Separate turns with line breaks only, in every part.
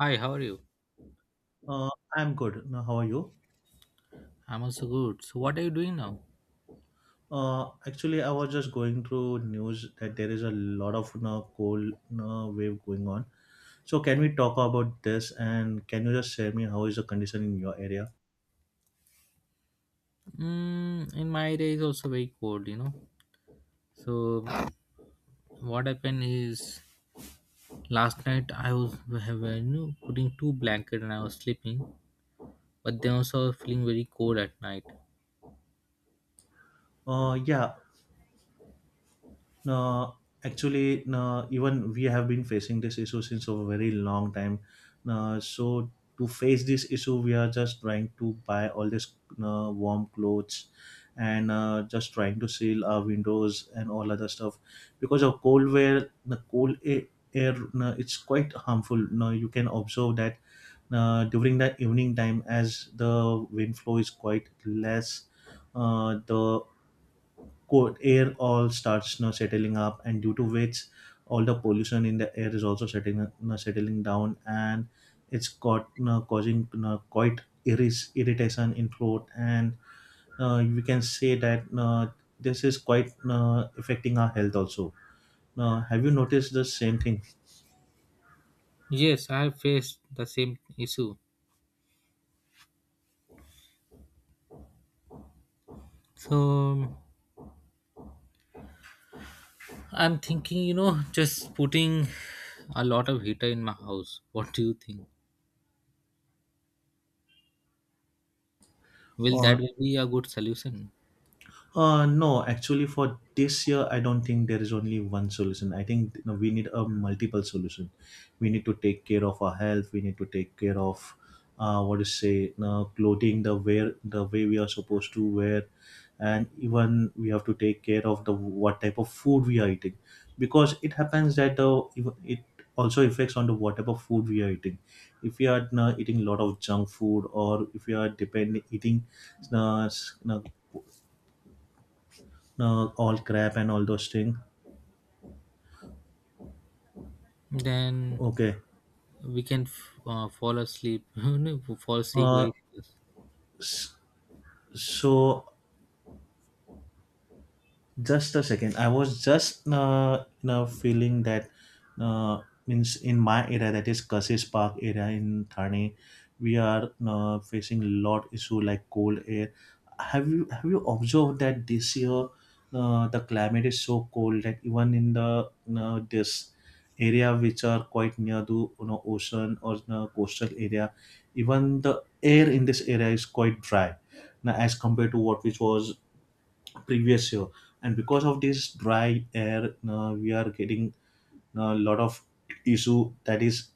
Hi, how are you?
Uh, I'm good. Now, how are you?
I'm also good. So, what are you doing now?
Actually, I was just going through news that there is a lot of cold wave going on. So, can we talk about this? And can you just share me how is the condition in your area?
Mm, in my area is also very cold, you know. So, what happened is last night I was have, putting two blanket and I was sleeping, but then also feeling very cold at night.
Yeah. No, actually, no, even we have been facing this issue since a very long time. No, so to face this issue, we are just trying to buy all this no, warm clothes and just trying to seal our windows and all other stuff because of cold weather, the air, no, it's quite harmful. No, you can observe that during the evening time as the wind flow is quite less, the quote air all starts settling up, and due to which all the pollution in the air is also settling down, and it's got you know, causing you know, quite iris irritation in throat, and we can say that this is quite affecting our health also. Have you noticed the same thing?
Yes, I have faced the same issue. So, I'm thinking, just putting a lot of heater in my house. What do you think? Will
Uh,
that be a good solution?
No, actually, for this year, I don't think there is only one solution. I think, we need a multiple solution. We need to take care of our health. We need to take care of what is say you clothing, the wear, the way we are supposed to wear, and even we have to take care of the what type of food we are eating, because it happens that it also affects on the what type of food we are eating. If we are you eating a lot of junk food, or if we are depending eating uh, s- you know, all crap and all those things.
Then
Okay.
we can fall asleep fall sick
Uh,
very serious.
so Just a second. I was just feeling that uh, means in my area, that is Kassis Park area in Thane, we are facing lot issue like cold air. Have you observed that this year the climate is so cold that even in the uh, this area which are quite near to ocean or coastal area, even the air in this area is quite dry now, as compared to what which was previous year, and because of this dry air we are getting a lot of issue that is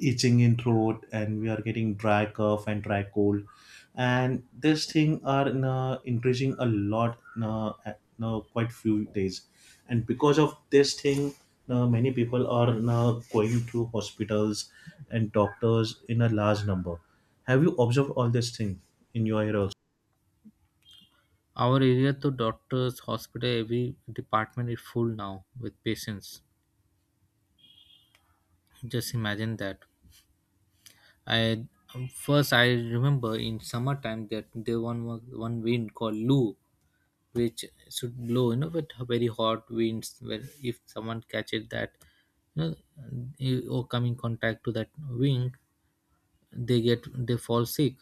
itching in throat, and we are getting dry cough and dry cold, and this thing are increasing a lot quite few days, and because of this thing many people are going to hospitals and doctors in a large number. Have you observed all this thing in your area also?
Our area to doctors hospital every department is full now with patients. Just imagine that. I first i remember in summertime that there one was one wind called loo, which should blow, you know, with very hot winds. Where if someone catches that, you know, or come in contact to that wing, they fall sick.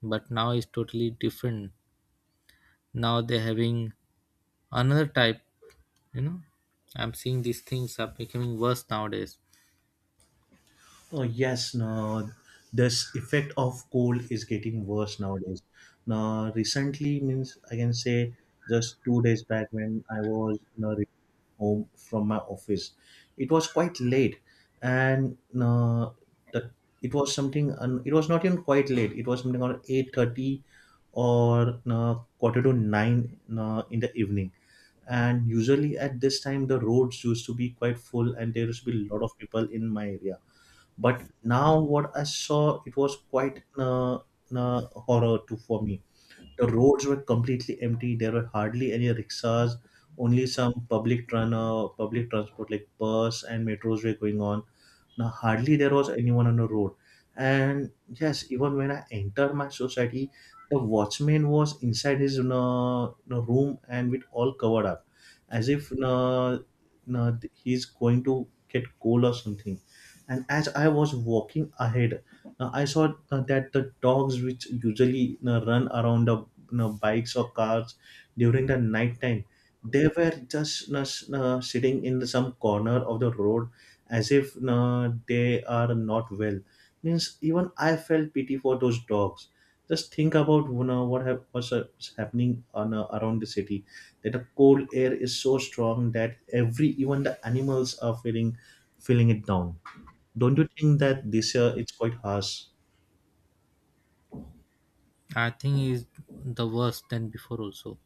But now it's totally different. Now they're having another type, you know. I'm seeing these things are becoming worse nowadays.
Oh, yes, now this effect of cold is getting worse nowadays. Now, recently means I can say just 2 days back when I was home from my office, it was quite late, and the, it was something. It was not even quite late. It was something around 8:30 or quarter to 9 in the evening, and usually at this time the roads used to be quite full, and there used to be a lot of people in my area, but now what I saw, it was quite uh, horror too for me. The roads were completely empty. There were hardly any rickshaws. Only some public transport like bus and metros were going on. Now hardly there was anyone on the road, and yes, even when I entered my society, the watchman was inside his room and with all covered up, as if, he's going to get cold or something, and as I was walking ahead, I saw that the dogs which usually run around the bikes or cars during the night time, they were just sitting in some corner of the road, as if you they are not well. Means even I felt pity for those dogs. Just think about, what's happening around the city, that the cold air is so strong that every even the animals are feeling it down. Don't you think that this year it's quite harsh?
I think is the worst than before also.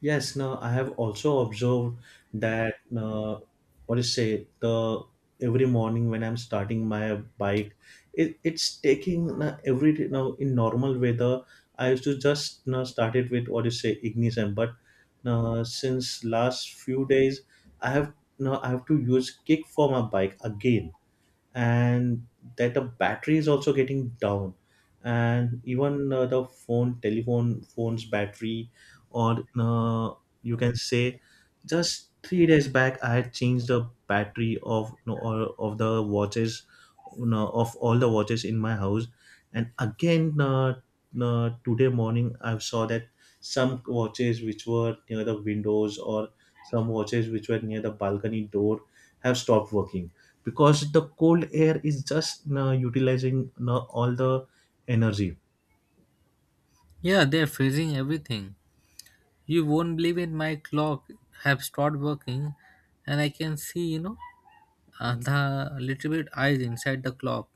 Yes, now I have also observed that, what is say, the every morning when I'm starting my bike, it's taking now in normal weather I used to just, start it with what is say ignition, but since last few days I have now I have to use kick for my bike again, and that the battery is also getting down, and even the phone telephone phone's battery, or you can say, just 3 days back I had changed the battery of, no, all of the watches you know, of all the watches in my house. And again today morning I saw that some watches which were near the windows, or some watches which were near the balcony door, have stopped working, because the cold air is just utilizing all the energy.
Yeah, they're freezing everything. You won't believe it, my clock have stopped working. And I can see, you know, the little bit eyes inside the clock,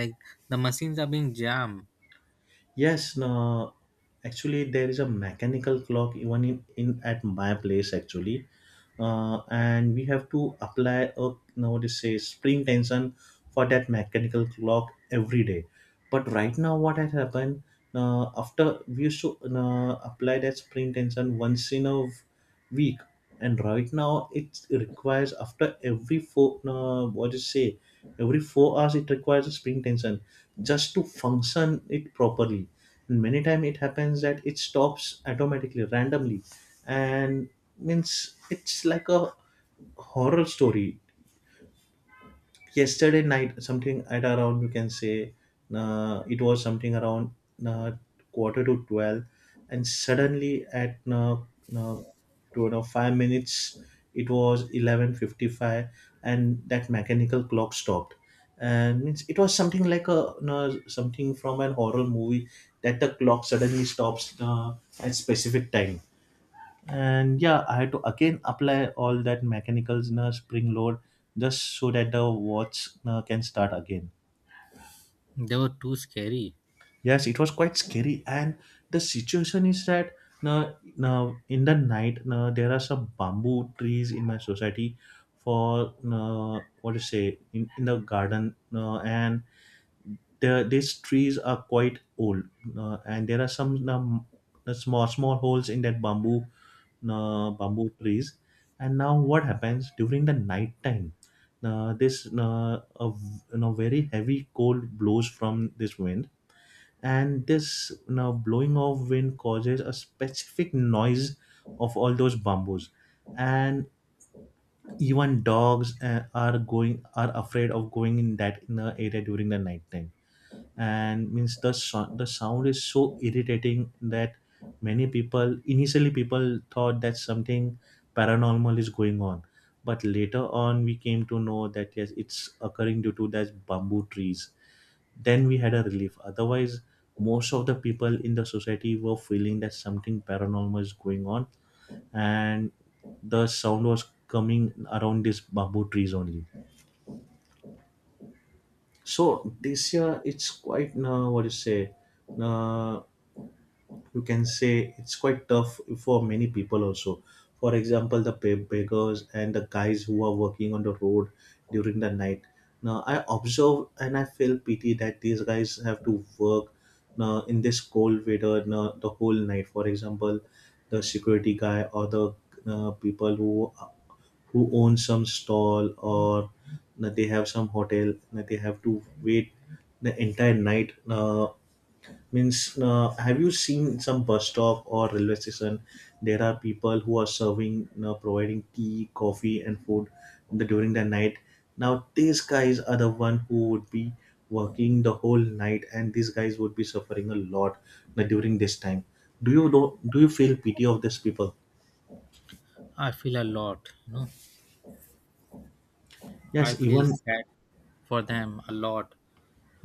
like the machines are being jammed.
Yes, actually there is a mechanical clock even in at my place actually, and we have to apply a, now what is say, spring tension for that mechanical clock every day, but right now what has happened, after, we used to apply that spring tension once in a week, and right now it requires after every four, no, what do you say, every 4 hours it requires a spring tension just to function it properly, and many time it happens that it stops automatically randomly, and means it's like a horror story. Yesterday night, something at around, you can say, it was something around uh, quarter to 12, and suddenly at uh, 2 or 5 minutes, it was 11:55, and that mechanical clock stopped, and means it was something like a you something from an horror movie, that the clock suddenly stops at specific time, and yeah, I had to again apply all that mechanicals in a spring load just so that the watch can start again.
They were too scary.
Yes, it was quite scary, and the situation is that now, in the night, now there are some bamboo trees in my society for, what to say, in the garden, these trees are quite old, and there are some, small small holes in that bamboo trees, and now what happens during the night time, this a, v- you know very heavy cold blows from this wind, and this now blowing of wind causes a specific noise of all those bamboos, and even dogs are afraid of going in the area during the night time, and means the sound is so irritating that many people initially people thought that something paranormal is going on, but later on we came to know that yes, it's occurring due to that bamboo trees. Then we had a relief. Otherwise, most of the people in the society were feeling that something paranormal is going on, and the sound was coming around these bamboo trees only. So this year it's quite, what you say. Uh, you can say it's quite tough for many people also. For example, the beggars and the guys who are working on the road during the night. Now I observe and I feel pity that these guys have to work now in this cold weather now the whole night. For example, the security guy, or the people who own some stall, or na, they have some hotel, na, they have to wait the entire night, means, have you seen some bus stop or railway station? There are people who are serving, providing tea, coffee and food during the night. Now these guys are the one who would be working the whole night, and these guys would be suffering a lot during this time. Do you feel pity of these people?
I feel a lot, you know, I
Yes,
feel
even,
sad for them a lot,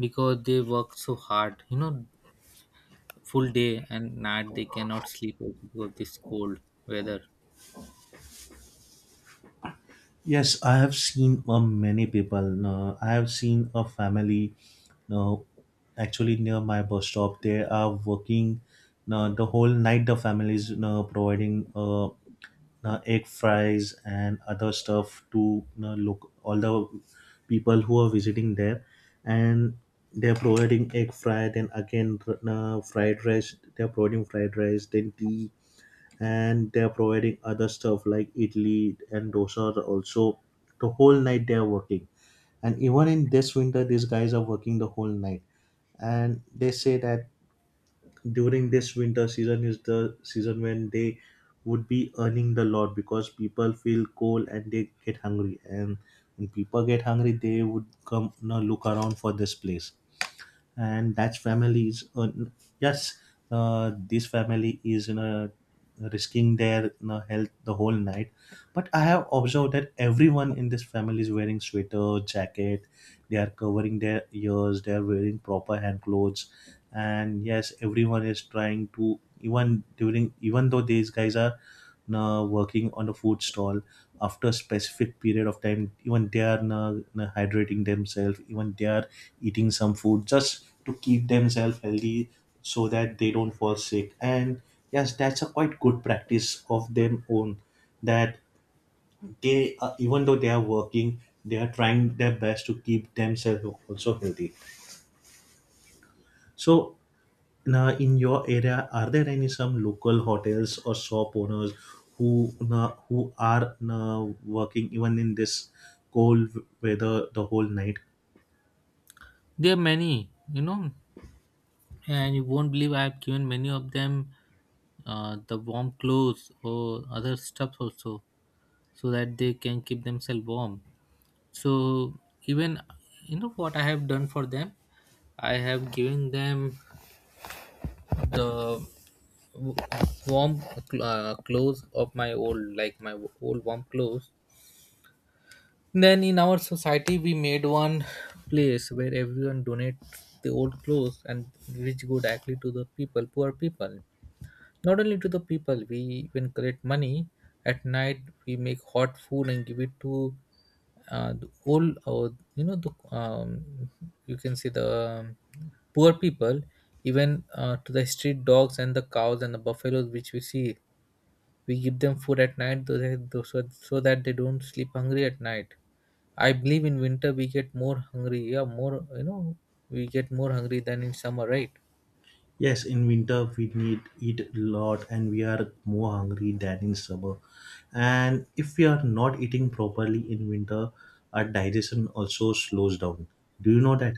because they work so hard, you know, full day and night. They cannot sleep also because of this cold weather.
yes, I have seen, many people. No, I have seen a family. No, actually near my bus stop, they are working. No, the whole night the family is, no, providing, no, egg fries and other stuff to, no, look all the people who are visiting there, and they're providing egg fry. Then again, no, fried rice. They're providing fried rice. Then tea, and they're providing other stuff like idli and dosa are also. The whole night they're working, and even in this winter these guys are working the whole night. And they say that during this winter season is the season when they would be earning the lot, because people feel cold and they get hungry. And when people get hungry they would come, look around for this place. And that family is on, yes. This family is, risking their, health the whole night. But I have observed that everyone in this family is wearing sweater, jacket. They are covering their ears. They are wearing proper hand clothes, and yes, everyone is trying to, even though these guys are working on a food stall. After a specific period of time, even they are hydrating themselves, even they are eating some food, just to keep themselves healthy, so that they don't fall sick. And yes, that's a quite good practice of them own, that they, even though they are working, they are trying their best to keep themselves also healthy. So now, in your area, are there any some local hotels or shop owners who are working even in this cold weather the whole night?
There are many, you know. And you won't believe, I have given many of them the warm clothes or other stuff also, so that they can keep themselves warm. So even, you know what I have done for them, I have given them the w- warm clothes of my old, like my old warm clothes. Then in our society, we made one place where everyone donate the old clothes, and which go directly to the people, poor people. Not only to the people, we even collect money. At night, we make hot food and give it to the old, or you can see the um, poor people, even to the street dogs and the cows and the buffaloes which we see. We give them food at night so that, so that they don't sleep hungry at night. I believe in winter we get more hungry. Yeah, more, you know, we get more hungry than in summer, right?
Yes, in winter we need eat a lot, and we are more hungry than in summer. And if we are not eating properly in winter, our digestion also slows down. Do you know that?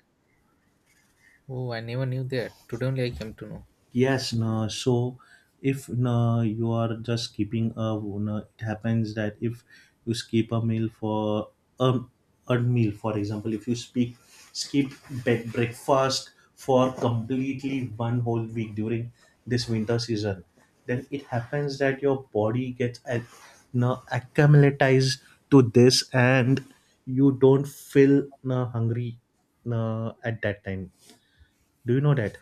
Oh, I never knew that. Today only I came to know.
Yes, no. So if, no, you are just keeping a, no, it happens that if you skip a meal for a, a meal, for example, if you speak skip bed breakfast for completely one whole week during this winter season, then it happens that your body gets ac- no, acclimatized to this, and you don't feel, hungry, no, at that time. Do you know that?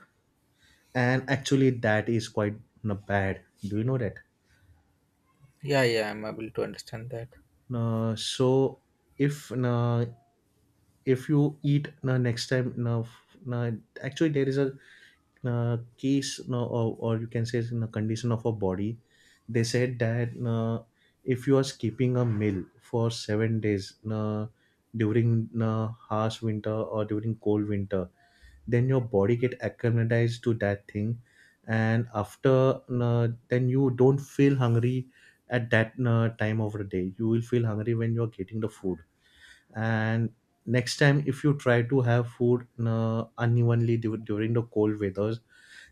And actually that is quite you bad. Do you know that?
Yeah, yeah, I'm able to understand that.
So, if uh, if you eat, next time, no, no, actually there is a case, no, or you can say, it's in a condition of a body. They said that, if you are skipping a meal for 7 days, during no, harsh winter or during cold winter, then your body get acclimatized to that thing. And after, then you don't feel hungry at that time of the day, you will feel hungry when you're getting the food. And next time if you try to have food unevenly during the cold weathers,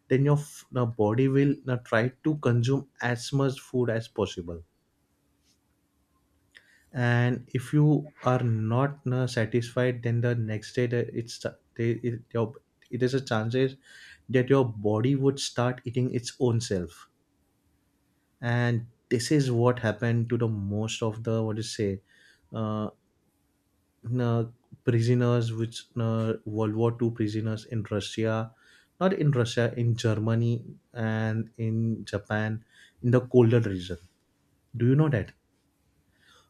then your body will try to consume as much food as possible. And if you are not satisfied, then the next day the, it's they, it, your, it is a chances that your body would start eating its own self. And this is what happened to the most of the, what you say, uh, uh, prisoners which, world war Two prisoners in russia, not in russia, in germany and in japan, in the colder region. Do you know that?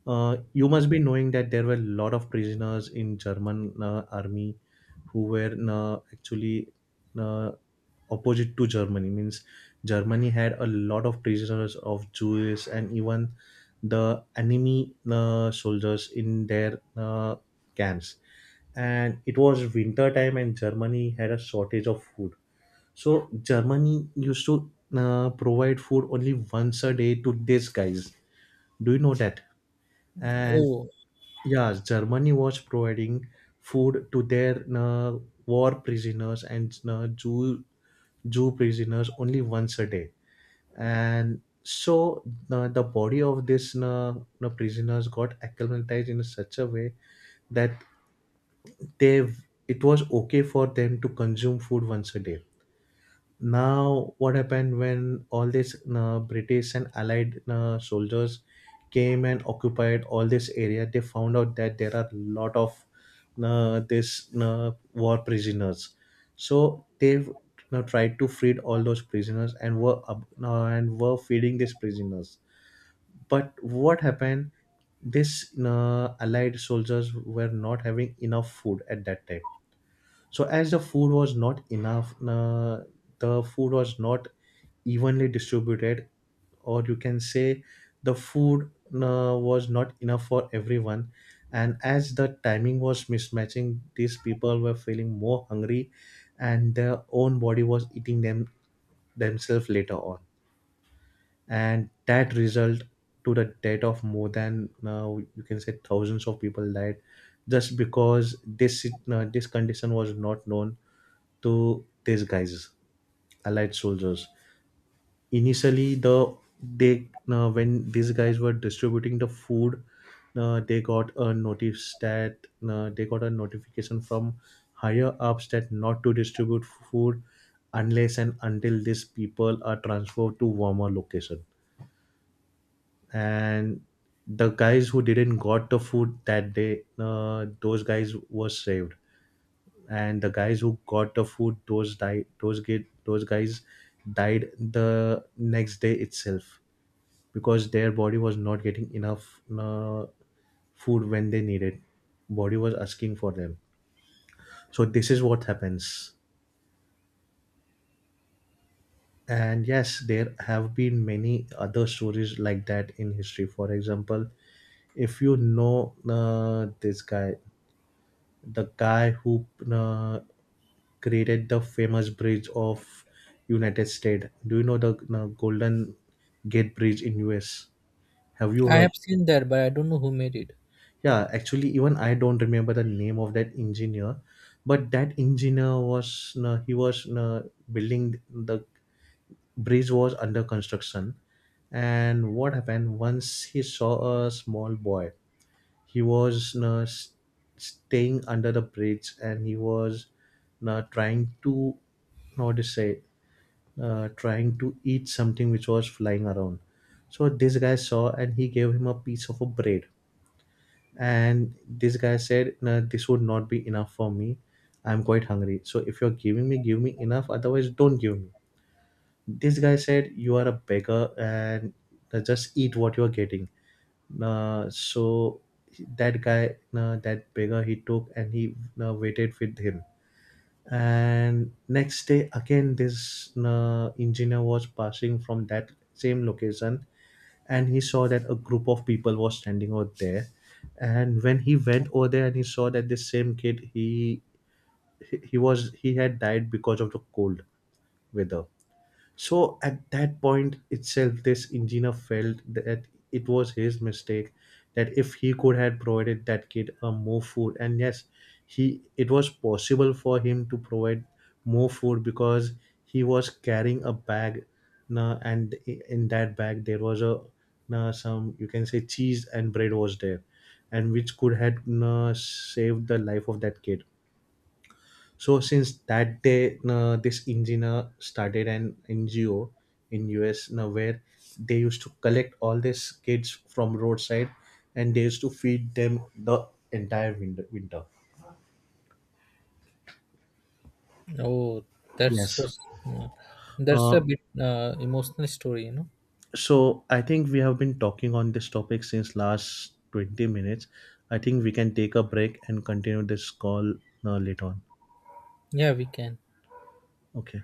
You must be knowing that there were a lot of prisoners in German army, who were actually uh, opposite to Germany. Means, Germany had a lot of prisoners of Jews and even the enemy soldiers in their camps. And it was winter time, and Germany had a shortage of food. So Germany used to provide food only once a day to these guys. Do you know that? And
Oh,
yeah, Germany was providing food to their war prisoners and Jew prisoners only once a day, and so, the body of this prisoners got acclimatized in such a way that they it was okay for them to consume food once a day. Now what happened, when all these british and allied soldiers came and occupied all this area, they found out that there are a lot of, this war prisoners. So they've tried to free all those prisoners, and were feeding these prisoners. But what happened? These allied soldiers were not having enough food at that time. So as the food was not enough, the food was not evenly distributed, or you can say the food was not enough for everyone. And as the timing was mismatching, these people were feeling more hungry and their own body was eating them themselves later on. And that result to the death of more than, now you can say, thousands of people died, just because this condition was not known to these guys, allied soldiers. Initially the they when these guys were distributing the food, uh, they got a notice that they got a notification from higher ups that not to distribute food unless and until these people are transferred to warmer location. And the guys who didn't got the food that day, those guys were saved. And the guys who got the food, those guys died the next day itself, because their body was not getting enough food when they needed, body was asking for them. So this is what happens. And yes, there have been many other stories like that in history. For example, if you know, this guy the guy who uh, created the famous bridge of United States. Do you know the, Golden Gate Bridge in US? Have you
I
heard?
have seen that, but I don't know who made it.
Yeah, actually, even I don't remember the name of that engineer, but that engineer was he was building the bridge was under construction, and what happened, once he saw a small boy. He was staying under the bridge, and he was trying to how to say trying to eat something which was flying around. So this guy saw, and he gave him a piece of a bread. And this guy said, no, this would not be enough for me, I'm quite hungry, so if you're giving me, give me enough, otherwise don't give me. This guy said, you are a beggar, and just eat what you are getting. So that guy, that beggar, he took and he waited with him. And next day, again, this engineer was passing from that same location, and he saw that a group of people was standing out there. And when he went over there and he saw that this same kid, he had died because of the cold weather. So at that point itself, this engineer felt that it was his mistake. That if he could have provided that kid a more food, and yes, he it was possible for him to provide more food, because he was carrying a bag, and in that bag there was some, you can say, cheese and bread was there, and which could have saved the life of that kid. So since that day, this engineer started an NGO in US, where they used to collect all these kids from roadside, and they used to feed them the entire winter.
Oh, that's
Yes.
yeah. That's a
Uh,
bit emotional story, you know.
so I think we have been talking on this topic since last 20 minutes. I think we can take a break and continue this call later on.
Yeah, we can.
Okay.